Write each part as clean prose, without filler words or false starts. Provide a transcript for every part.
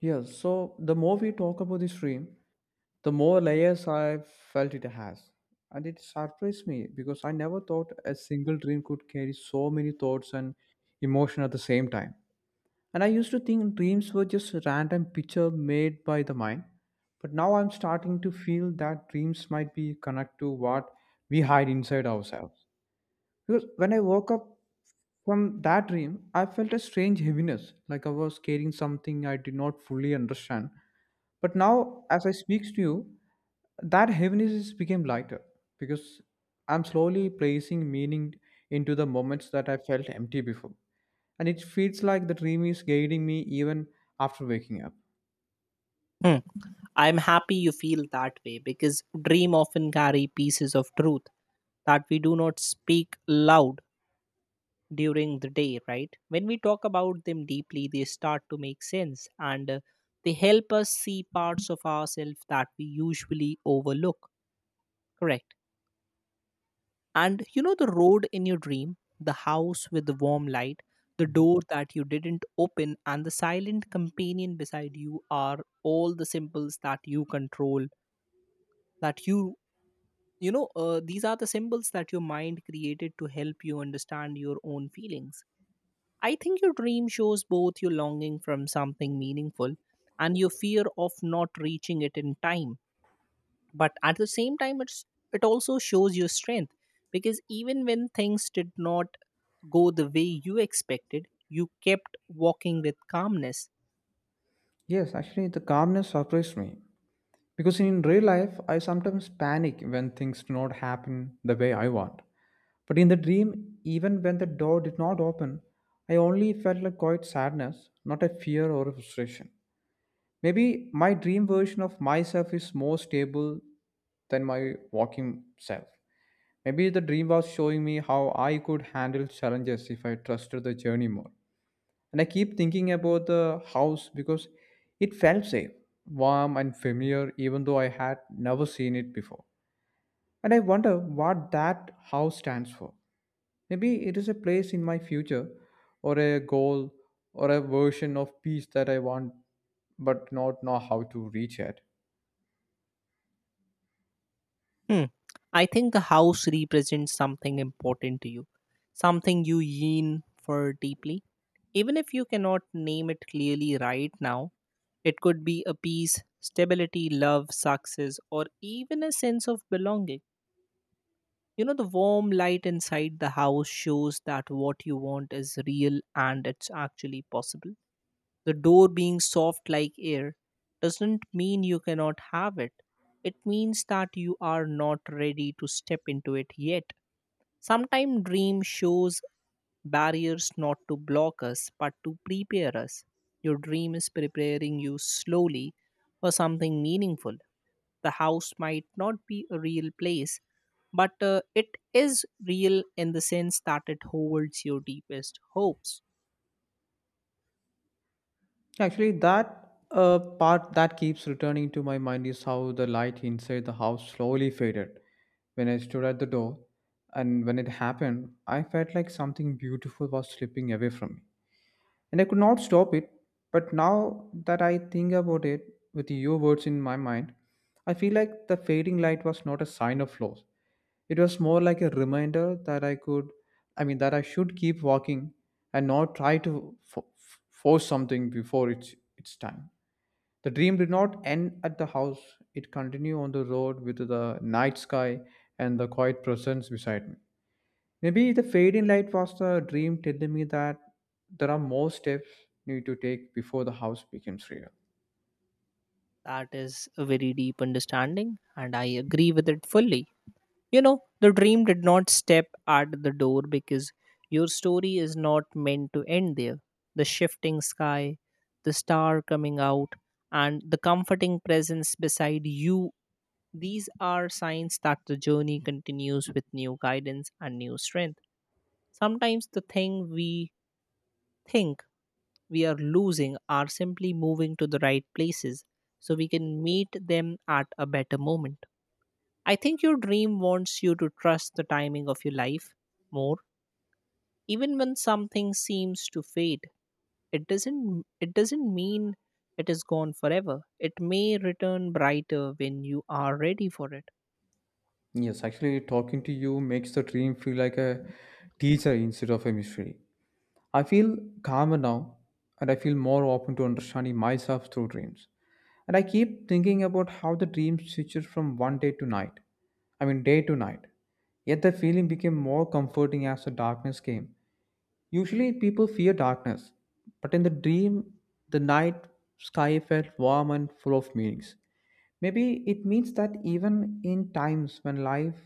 Yeah, so the more we talk about this dream, the more layers I felt it has. And it surprised me because I never thought a single dream could carry so many thoughts and emotion at the same time. And I used to think dreams were just a random picture made by the mind. But now I'm starting to feel that dreams might be connected to what we hide inside ourselves. Because when I woke up from that dream, I felt a strange heaviness, like I was carrying something I did not fully understand. But now, as I speak to you, that heaviness is became lighter because I'm slowly placing meaning into the moments that I felt empty before. And it feels like the dream is guiding me even after waking up. Hmm. I'm happy you feel that way because dream often carry pieces of truth that we do not speak loud during the day, right? When we talk about them deeply, they start to make sense and they help us see parts of ourselves that we usually overlook, correct? And you know the road in your dream, the house with the warm light, the door that you didn't open and the silent companion beside you are all the symbols that you control that you these are the symbols that your mind created to help you understand your own feelings. I think your dream shows both your longing from something meaningful and your fear of not reaching it in time. But at the same time, it also shows your strength because even when things did not go the way you expected, you kept walking with calmness. Yes, actually, the calmness surprised me because in real life, I sometimes panic when things do not happen the way I want. But in the dream, even when the door did not open, I only felt a quiet sadness, not a fear or a frustration. Maybe my dream version of myself is more stable than my walking self. Maybe the dream was showing me how I could handle challenges if I trusted the journey more. And I keep thinking about the house because it felt safe, warm, and familiar, even though I had never seen it before. And I wonder what that house stands for. Maybe it is a place in my future, or a goal, or a version of peace that I want but not know how to reach yet. Hmm. I think the house represents something important to you, something you yearn for deeply. Even if you cannot name it clearly right now, it could be a peace, stability, love, success, or even a sense of belonging. You know, the warm light inside the house shows that what you want is real and it's actually possible. The door being soft like air doesn't mean you cannot have it. It means that you are not ready to step into it yet. Sometimes dream shows barriers not to block us but to prepare us. Your dream is preparing you slowly for something meaningful. The house might not be a real place, but it is real in the sense that it holds your deepest hopes. Actually, that part that keeps returning to my mind is how the light inside the house slowly faded when I stood at the door. And when it happened, I felt like something beautiful was slipping away from me. And I could not stop it. But now that I think about it with your words in my mind, I feel like the fading light was not a sign of loss. It was more like a reminder that I mean, that I should keep walking and not try to force something before it's time. The dream did not end at the house, it continued on the road with the night sky and the quiet presence beside me. Maybe the fade in light was the dream telling me that there are more steps you need to take before the house becomes real. That is a very deep understanding, and I agree with it fully. You know, the dream did not step at the door because your story is not meant to end there. The shifting sky, the star coming out, and the comforting presence beside you, these are signs that the journey continues with new guidance and new strength. Sometimes the thing we think we are losing are simply moving to the right places so we can meet them at a better moment. I think your dream wants you to trust the timing of your life more. Even when something seems to fade, it doesn't mean it is gone forever. It may return brighter when you are ready for it. Yes, actually, talking to you makes the dream feel like a teacher instead of a mystery. I feel calmer now and I feel more open to understanding myself through dreams. And I keep thinking about how the dream switches from one day to night. I mean, day to night. Yet the feeling became more comforting as the darkness came. Usually, people fear darkness, but in the dream, the night sky felt warm and full of meanings. Maybe it means that even in times when life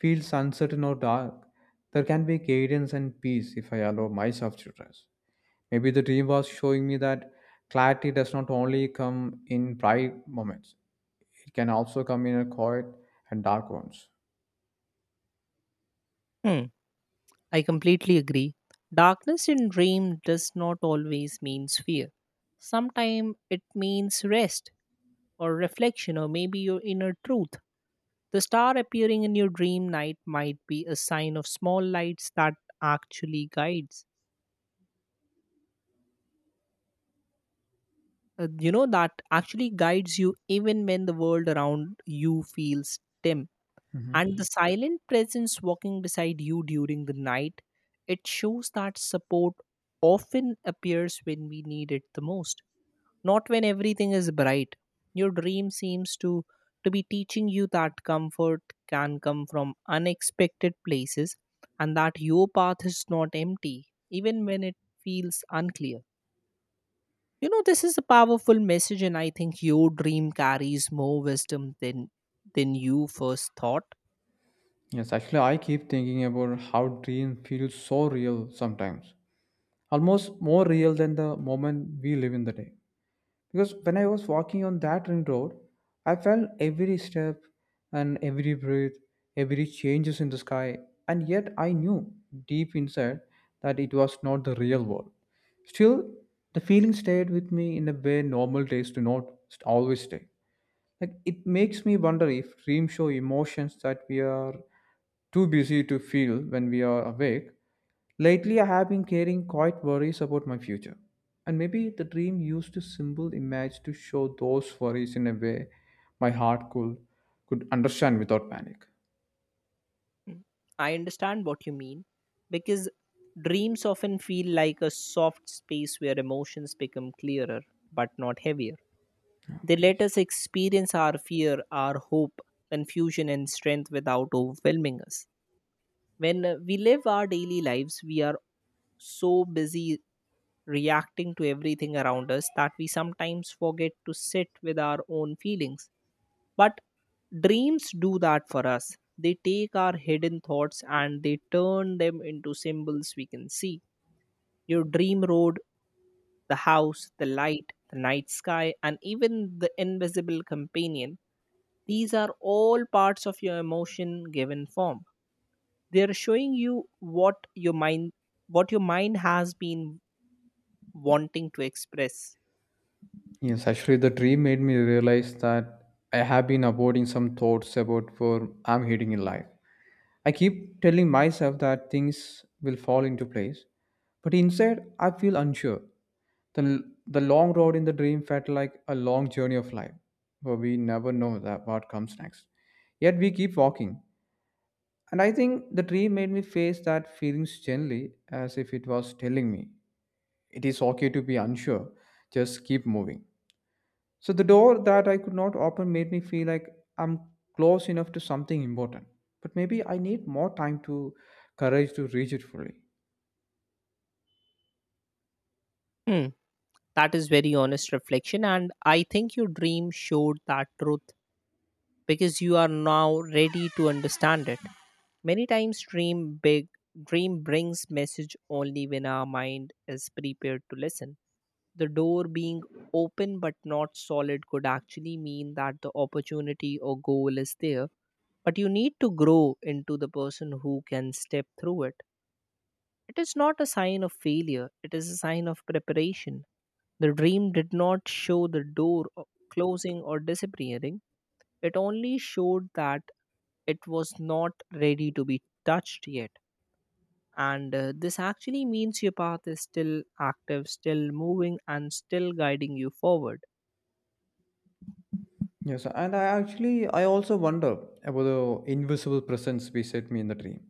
feels uncertain or dark, there can be guidance and peace if I allow myself to rest. Maybe the dream was showing me that clarity does not only come in bright moments, it can also come in a quiet and dark ones. Hmm, I completely agree. Darkness in dream does not always means fear. Sometimes it means rest or reflection or maybe your inner truth. The star appearing in your dream night might be a sign of small lights that actually guides you know that actually guides you even when the world around you feels dim, Hmm. and the silent presence walking beside you during the night, it shows that support often appears when we need it the most, not when everything is bright. Your dream seems to be teaching you that comfort can come from unexpected places and that your path is not empty even when it feels unclear. You know this is a powerful message and I think your dream carries more wisdom than you first thought. Yes, actually, I keep thinking about how dream feels so real sometimes, almost more real than the moment we live in the day. Because when I was walking on that ring road, I felt every step and every breath, every changes in the sky, and yet I knew deep inside that it was not the real world. Still, the feeling stayed with me in a way normal days do not always stay. Like it makes me wonder if dreams show emotions that we are too busy to feel when we are awake. Lately, I have been carrying quite worries about my future. And maybe the dream used a simple image to show those worries in a way my heart could understand without panic. Mm. I understand what you mean because dreams often feel like a soft space where emotions become clearer but not heavier. Oh, They let please. us experience our fear, our hope, confusion, and strength without overwhelming us. When we live our daily lives, we are so busy reacting to everything around us that we sometimes forget to sit with our own feelings. But dreams do that for us. They take our hidden thoughts and they turn them into symbols we can see. Your dream road, the house, the light, the night sky, and even the invisible companion, these are all parts of your emotion given form. They are showing you what your mind has been wanting to express. Yes, actually, the dream made me realize that I have been avoiding some thoughts about where I'm heading in life. I keep telling myself that things will fall into place, but inside I feel unsure. the the long road in the dream felt like a long journey of life for we never know that what comes next, yet we keep walking. And I think the dream made me face that feelings gently, as if it was telling me it is okay to be unsure, just keep moving. So the door that I could not open made me feel like I'm close enough to something important, but maybe I need more time to courage to reach it fully. Hmm. That is very honest reflection and I think your dream showed that truth because you are now ready to understand it. Many times dream brings message only when our mind is prepared to listen. The door being open but not solid could actually mean that the opportunity or goal is there but you need to grow into the person who can step through it. It is not a sign of failure, it is a sign of preparation. The dream did not show the closing or disappearing, it only showed that it was not ready to be touched yet. And this actually means your path is still active, still moving, and still guiding you forward. Yes, and I also wonder about the invisible presence beside me in the dream.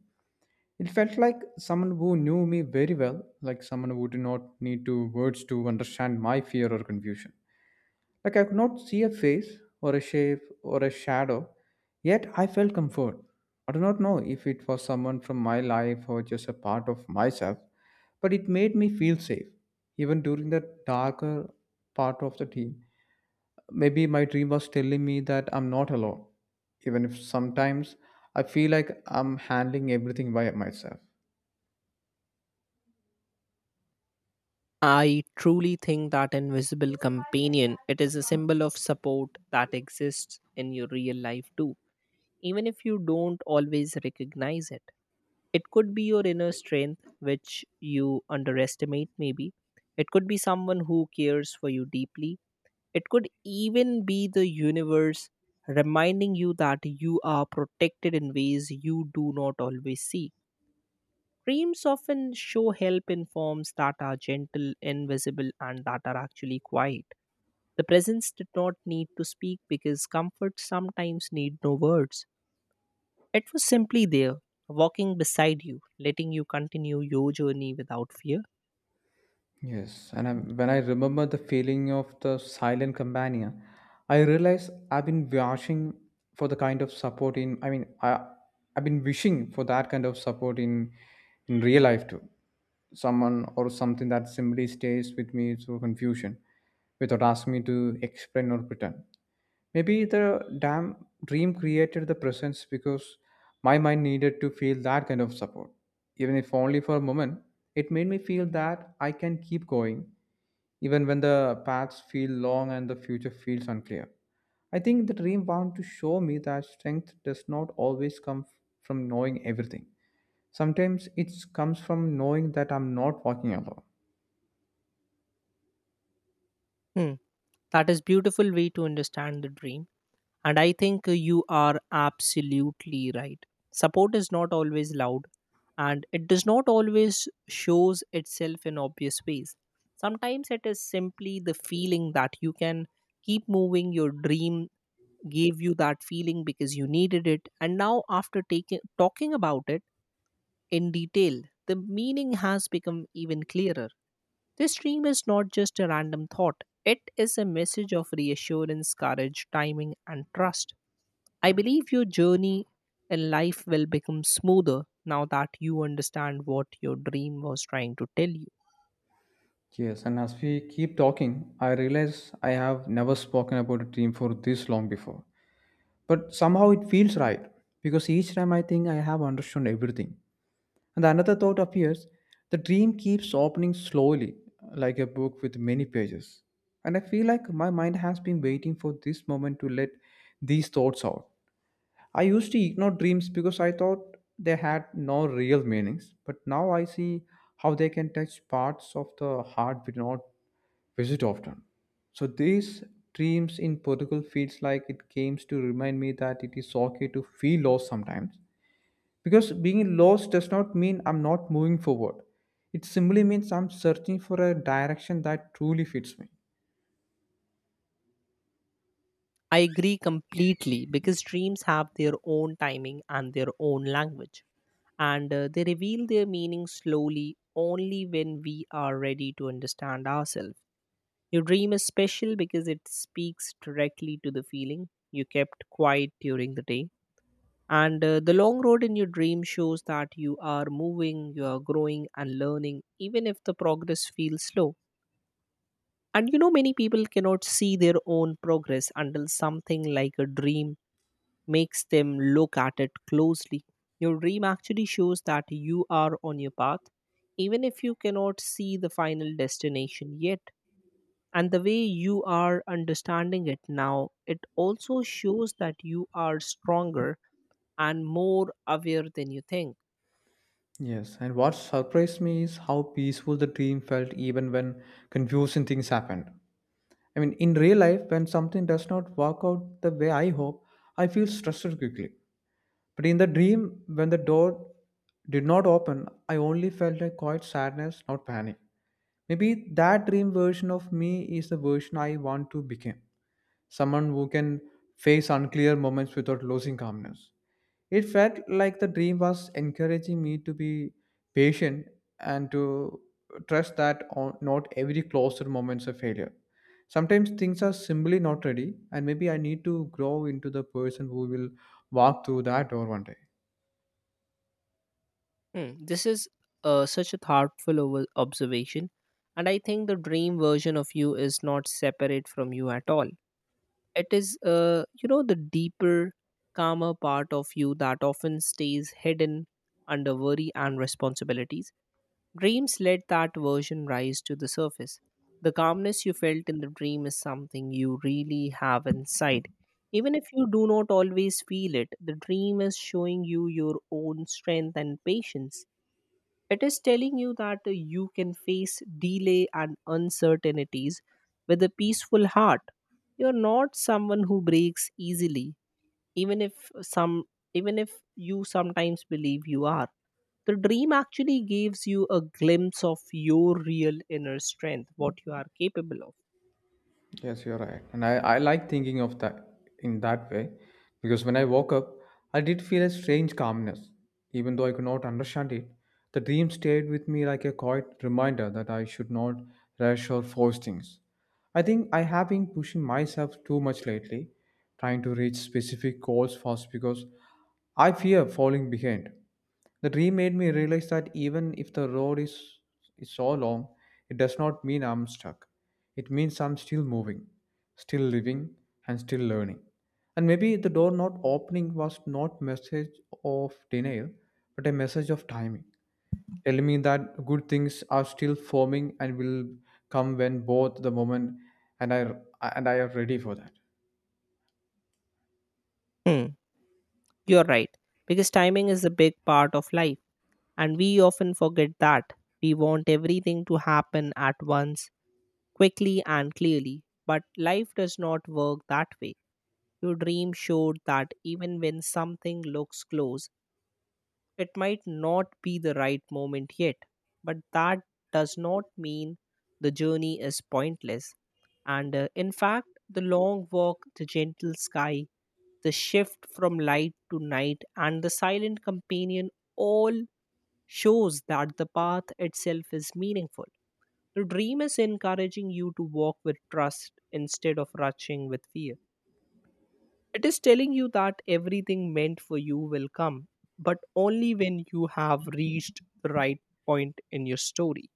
It felt like someone who knew me very well, like someone who did not need to words to understand my fear or confusion. Like I could not see a face or a shape or a shadow, yet I felt comfort. I do not know if it was someone from my life or just a part of myself, but it made me feel safe, even during the darker part of the dream. Maybe my dream was telling me that I'm not alone, even if sometimes I feel like I'm handling everything by myself. I truly think that invisible companion, it is a symbol of support that exists in your real life too, even if you don't always recognize it. It could be your inner strength, which you underestimate, maybe. It could be someone who cares for you deeply. It could even be the universe reminding you that you are protected in ways you do not always see. Dreams often show help in forms that are gentle, invisible, and that are actually quiet. The presence did not need to speak because comfort sometimes need no words. It was simply there, walking beside you, letting you continue your journey without fear. When I remember the feeling of the silent companion, I realize I've been wishing for the kind of support in. I mean, I I've been wishing for that kind of support in real life too. Someone or something that simply stays with me through confusion, without asking me to explain or pretend. Maybe the damn dream created the presence because my mind needed to feel that kind of support. Even if only for a moment, it made me feel that I can keep going even when the paths feel long and the future feels unclear. I think the dream bound to show me that strength does not always from knowing everything. Sometimes it comes from knowing that I'm not walking alone. Hmm. That is beautiful way to understand the dream. And I think you are absolutely right. Support is not always loud and it does not always shows itself in obvious ways. Sometimes it is simply the feeling that you can keep moving. Your dream gave you that feeling because you needed it, and now after taking talking about it in detail, the meaning has become even clearer. This dream is not just a random thought, it is a message of reassurance, courage, timing, and trust. I believe your journey in life will become smoother now that you understand what your dream was trying to tell you. Yes, and as we keep talking, I realize I have never spoken about a dream for this long before, but somehow it feels right because each time I think I have understood everything, and another thought appears. The dream keeps opening slowly, like a book with many pages. And I feel like my mind has been waiting for this moment to let these thoughts out. I used to ignore dreams because I thought they had no real meanings, but now I see how they can touch parts of the heart we do not visit often. So these dreams in Portugal feels like it came to remind me that it is okay to feel lost sometimes. Because being lost does not mean I'm not moving forward. It simply means I'm searching for a direction that truly fits me. I agree completely because dreams have their own timing and their own language, and they reveal their meaning slowly only when we are ready to understand ourselves. Your dream is special because it speaks directly to the feeling you kept quiet during the day. And the long road in your dream shows that you are moving, you are growing and learning, even if the progress feels slow. And you know, many people cannot see their own progress until something like a dream makes them look at it closely. Your dream actually shows that you are on your path, even if you cannot see the final destination yet, and the way you are understanding it now, it also shows that you are stronger and more aware than you think. Yes, and what surprised me is how peaceful the dream felt even when confusing things happened. I mean, in real life, when something does not work out the way I hope, I feel stressed quickly. But in the dream, when the door did not open, I only felt a quiet sadness, not panic. Maybe that dream version of me is the version I want to become, someone who can face unclear moments without losing calmness. It felt like the dream was encouraging me to be patient and to trust that not every closer moment's a failure. Sometimes things are simply not ready, and maybe I need to grow into the person who will walk through that door one day. Hmm, this is such a thoughtful observation, and I think the dream version of you is not separate from you at all. It is you know, the deeper, calmer part of you that often stays hidden under worry and responsibilities. Dreams let that version rise to the surface. The calmness you felt in the dream is something you really have inside. Even if you do not always feel it, the dream is showing you your own strength and patience. It is telling you that you can face delay and uncertainties with a peaceful heart. You're not someone who breaks easily, even if some even if you sometimes believe you are. The dream actually gives you a glimpse of your real inner strength, what you are capable of. Yes, you're right. And I like thinking of that in that way because when I woke up, I did feel a strange calmness. Even though I could not understand it, the dream stayed with me like a quiet reminder that I should not rush or force things. I think I have been pushing myself too much lately, trying to reach specific goals fast because I fear falling behind. The dream made me realize that even if the road is so long, it does not mean I'm stuck. It means I'm still moving, still living, and still learning. And maybe the door not opening was not message of denial, but a message of timing. Tell me that good things are still forming and will come when both the moment and I and I are ready for that. Hmm. You're right, because timing is a big part of life and we often forget that. We want everything to happen at once, quickly and clearly, but life does not work that way. Your dream showed that even when something looks close, it might not be the right moment yet, but that does not mean the journey is pointless. And in fact, the long walk, the gentle sky, the shift from light to night, and the silent companion all shows that the path itself is meaningful. The dream is encouraging you to walk with trust instead of rushing with fear. It is telling you that everything meant for you will come, but only when you have reached the right point in your story.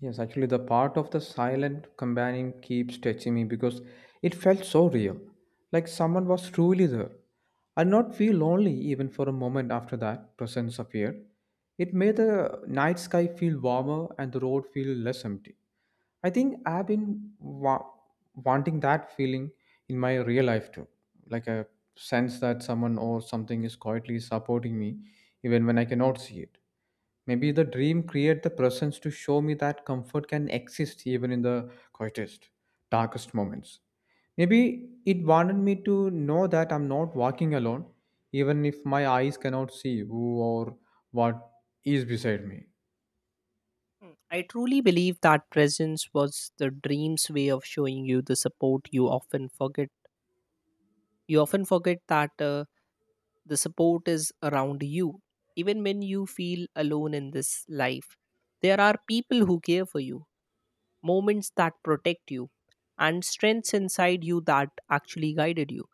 Yes, actually, the part of the silent companion keeps touching me because it felt so real, like someone was truly there. I did not feel lonely even for a moment after that presence appeared. It made the night sky feel warmer and the road feel less empty. I think I've been wanting that feeling in my real life too, like a sense that someone or something is quietly supporting me, even when I cannot see it. Maybe the dream create the presence to show me that comfort can exist even in the quietest, darkest moments. Maybe it wanted me to know that I'm not walking alone, even if my eyes cannot see who or what is beside me. Hmm. I truly believe that presence was the dream's way of showing you the support you often forget. You often forget that the support is around you, even when you feel alone in this life. There are people who care for you, moments that protect you, and strengths inside you that actually guided you.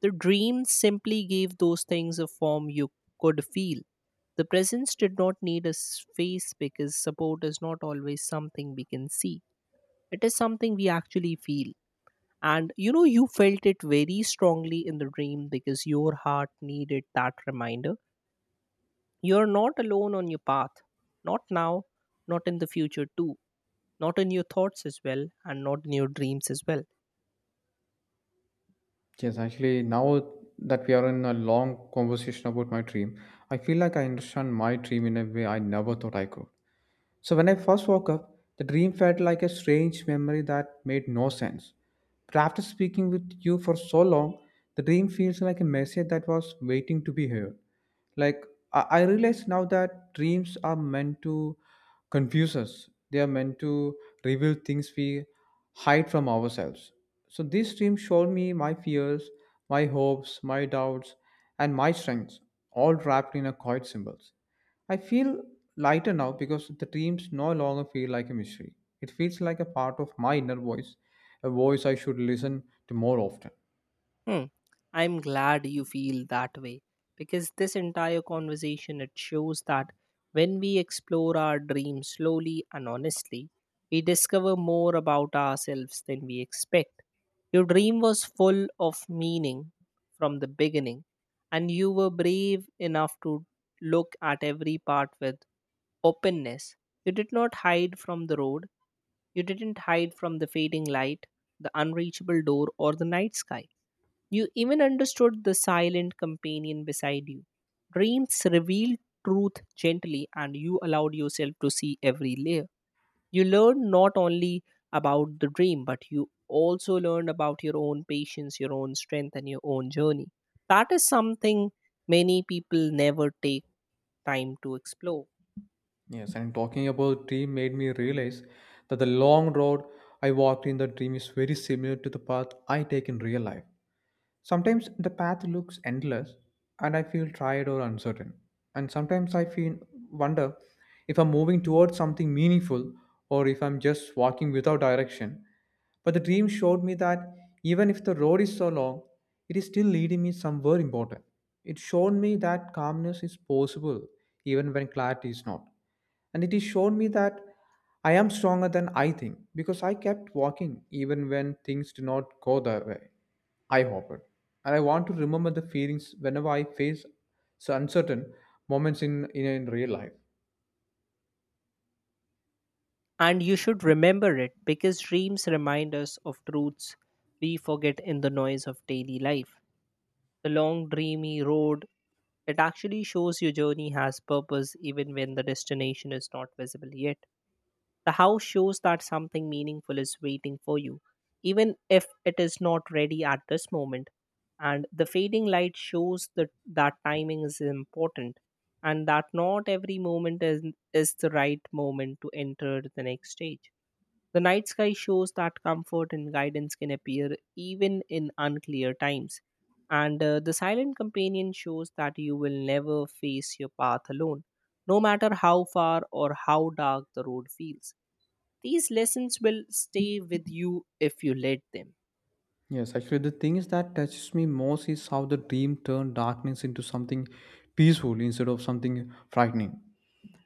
The dreams simply gave those things a form you could feel. The presence did not need a face because support is not always something we can see. It is something we actually feel. And you know, you felt it very strongly in the dream because your heart needed that reminder. You're not alone on your path. Not now, not in the future, too. Not in your thoughts as well, and not in your dreams as well. Yes, actually, now that we are in a long conversation about my dream, I feel like I understand my dream in a way I never thought I could. So when I first woke up, the dream felt like a strange memory that made no sense. But after speaking with you for so long, the dream feels like a message that was waiting to be heard. Like I realize now that dreams are meant to confuse us. They are meant to reveal things we hide from ourselves. So this dream showed me my fears, my hopes, my doubts, and my strengths, all wrapped in a quiet symbols. I feel lighter now because the dreams no longer feel like a mystery. It feels like a part of my inner voice, a voice I should listen to more often. Hmm. I'm glad you feel that way because this entire conversation it shows that when we explore our dreams slowly and honestly, we discover more about ourselves than we expect. Your dream was full of meaning from the beginning, and you were brave enough to look at every part with openness. You did not hide from the road, you didn't hide from the fading light, the unreachable door, or the night sky. You even understood the silent companion beside you. Dreams revealed truth gently, and you allowed yourself to see every layer. You learned not only about the dream, but you also learned about your own patience, your own strength, and your own journey. That is something many people never take time to explore. Yes, and talking about dream made me realize that the long road I walked in the dream is very similar to the path I take in real life. Sometimes the path looks endless and I feel tired or uncertain. And sometimes I feel wonder if I'm moving towards something meaningful or if I'm just walking without direction. But the dream showed me that even if the road is so long, it is still leading me somewhere important. It showed me that calmness is possible even when clarity is not. And it has shown me that I am stronger than I think because I kept walking even when things did not go that way. I hope it. And I want to remember the feelings whenever I face so uncertain moments in real life. And you should remember it because dreams remind us of truths we forget in the noise of daily life. The long, dreamy road, it actually shows your journey has purpose even when the destination is not visible yet. The house shows that something meaningful is waiting for you, even if it is not ready at this moment. And the fading light shows that timing is important, and that not every moment is the right moment to enter the next stage. The night sky shows that comfort and guidance can appear even in unclear times. And the silent companion shows that you will never face your path alone, no matter how far or how dark the road feels. These lessons will stay with you if you let them. Yes, actually, the things that touches me most is how the dream turned darkness into something peaceful instead of something frightening.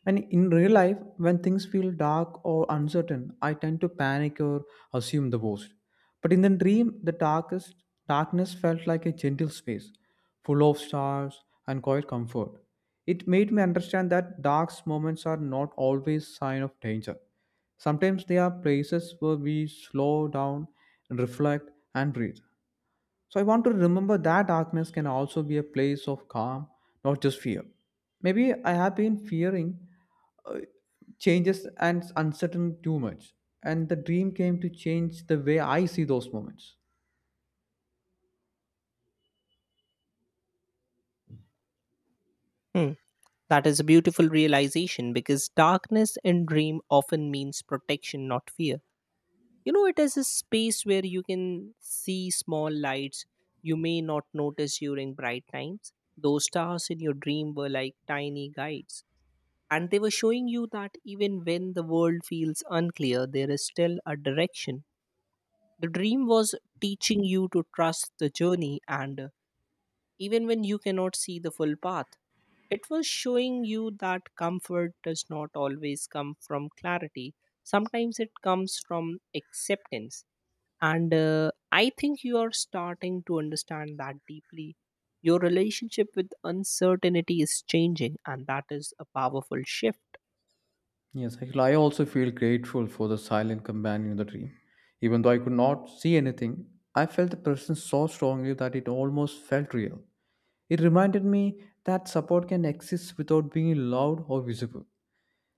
And in real life, when things feel dark or uncertain, I tend to panic or assume the worst. But in the dream, the darkest darkness felt like a gentle space, full of stars and quiet comfort. It made me understand that dark moments are not always sign of danger. Sometimes they are places where we slow down, reflect, and breathe. So I want to remember that darkness can also be a place of calm, not just fear. Maybe I have been fearing uh, changes and uncertain too much, and the dream came to change the way I see those moments. Hmm, That is a beautiful realization because darkness and dream often means protection, not fear. You know, it is a space where you can see small lights you may not notice during bright times. Those stars in your dream were like tiny guides, and they were showing you that even when the world feels unclear, there is still a direction. The dream was teaching you to trust the journey, and even when you cannot see the full path. It was showing you that comfort does not always come from clarity. Sometimes it comes from acceptance. And I think you are starting to understand that deeply. Your relationship with uncertainty is changing, and that is a powerful shift. Yes, actually, I also feel grateful for the silent companion in the dream. Even though I could not see anything, I felt the presence so strongly that it almost felt real. It reminded me that support can exist without being loud or visible.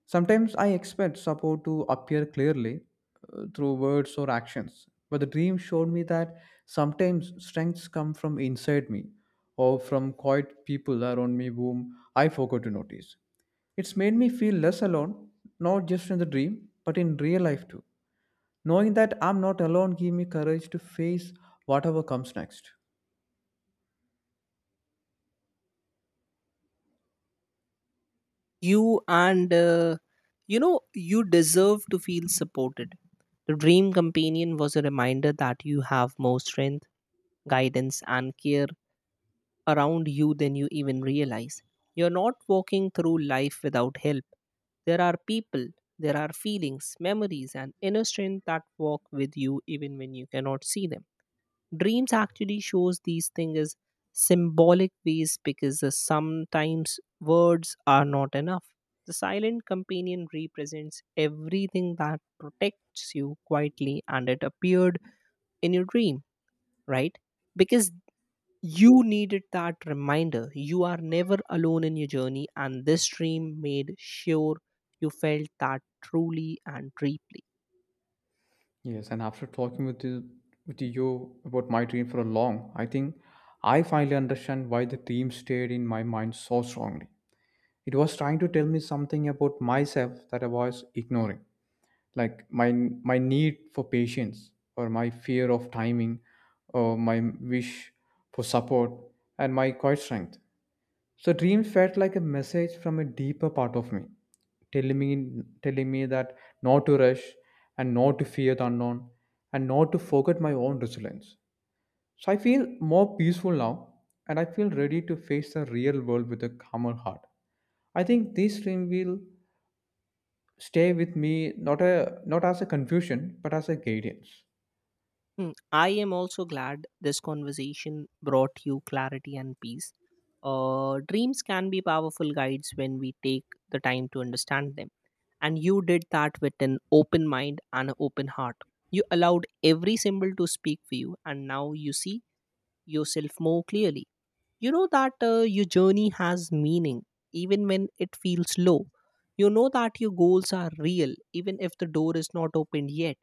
Sometimes I expect support to appear clearly through words or actions, but the dream showed me that sometimes strengths come from inside me or from quiet people around me whom I forgot to notice. It's made me feel less alone, not just in the dream, but in real life too. Knowing that I'm not alone gave me courage to face whatever comes next. You and uh, you know, you deserve to feel supported. The dream companion was a reminder that you have more strength, guidance, and care around you than you even realize. You're not walking through life without help. There are people, there are feelings, memories, and inner strength that walk with you even when you cannot see them. Dreams actually shows these things as symbolic ways because sometimes words are not enough. The silent companion represents everything that protects you quietly, and it appeared in your dream, right? Because you needed that reminder. You are never alone in your journey, and this dream made sure you felt that truly and deeply. Yes, and after talking with you about my dream for a long, I think I finally understand why the dream stayed in my mind so strongly. It was trying to tell me something about myself that I was ignoring, like my need for patience or my fear of timing or my wish for support and my quiet strength. So dreams felt like a message from a deeper part of me, telling me that not to rush and not to fear the unknown and not to forget my own resilience. So I feel more peaceful now and I feel ready to face the real world with a calmer heart. I think this dream will stay with me not as a confusion but as a guidance. Hmm, I am also glad this conversation brought you clarity and peace. Dreams can be powerful guides when we take the time to understand them. And you did that with an open mind and an open heart. You allowed every symbol to speak for you, and now you see yourself more clearly. You know that your journey has meaning, even when it feels low. You know that your goals are real, even if the door is not opened yet.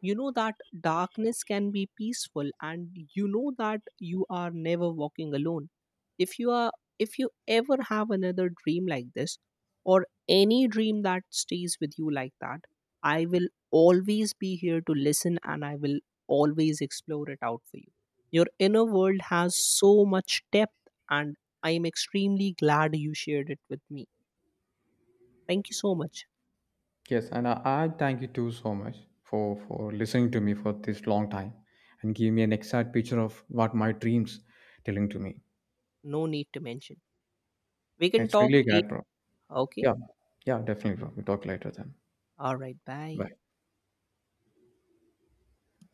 You know that darkness can be peaceful, and you know that you are never walking alone. If you are, if you ever have another dream like this, or any dream that stays with you like that, I will always be here to listen, and I will always explore it out for you. Your inner world has so much depth, and I am extremely glad you shared it with me. Thank you so much. Yes, and I thank you too so much for listening to me for this long time and give me an exact picture of what my dreams telling to me. No need to mention. We can It's talk really later. good, bro. Okay. Yeah, yeah, definitely, bro. We talk later then. All right. Bye. Bye.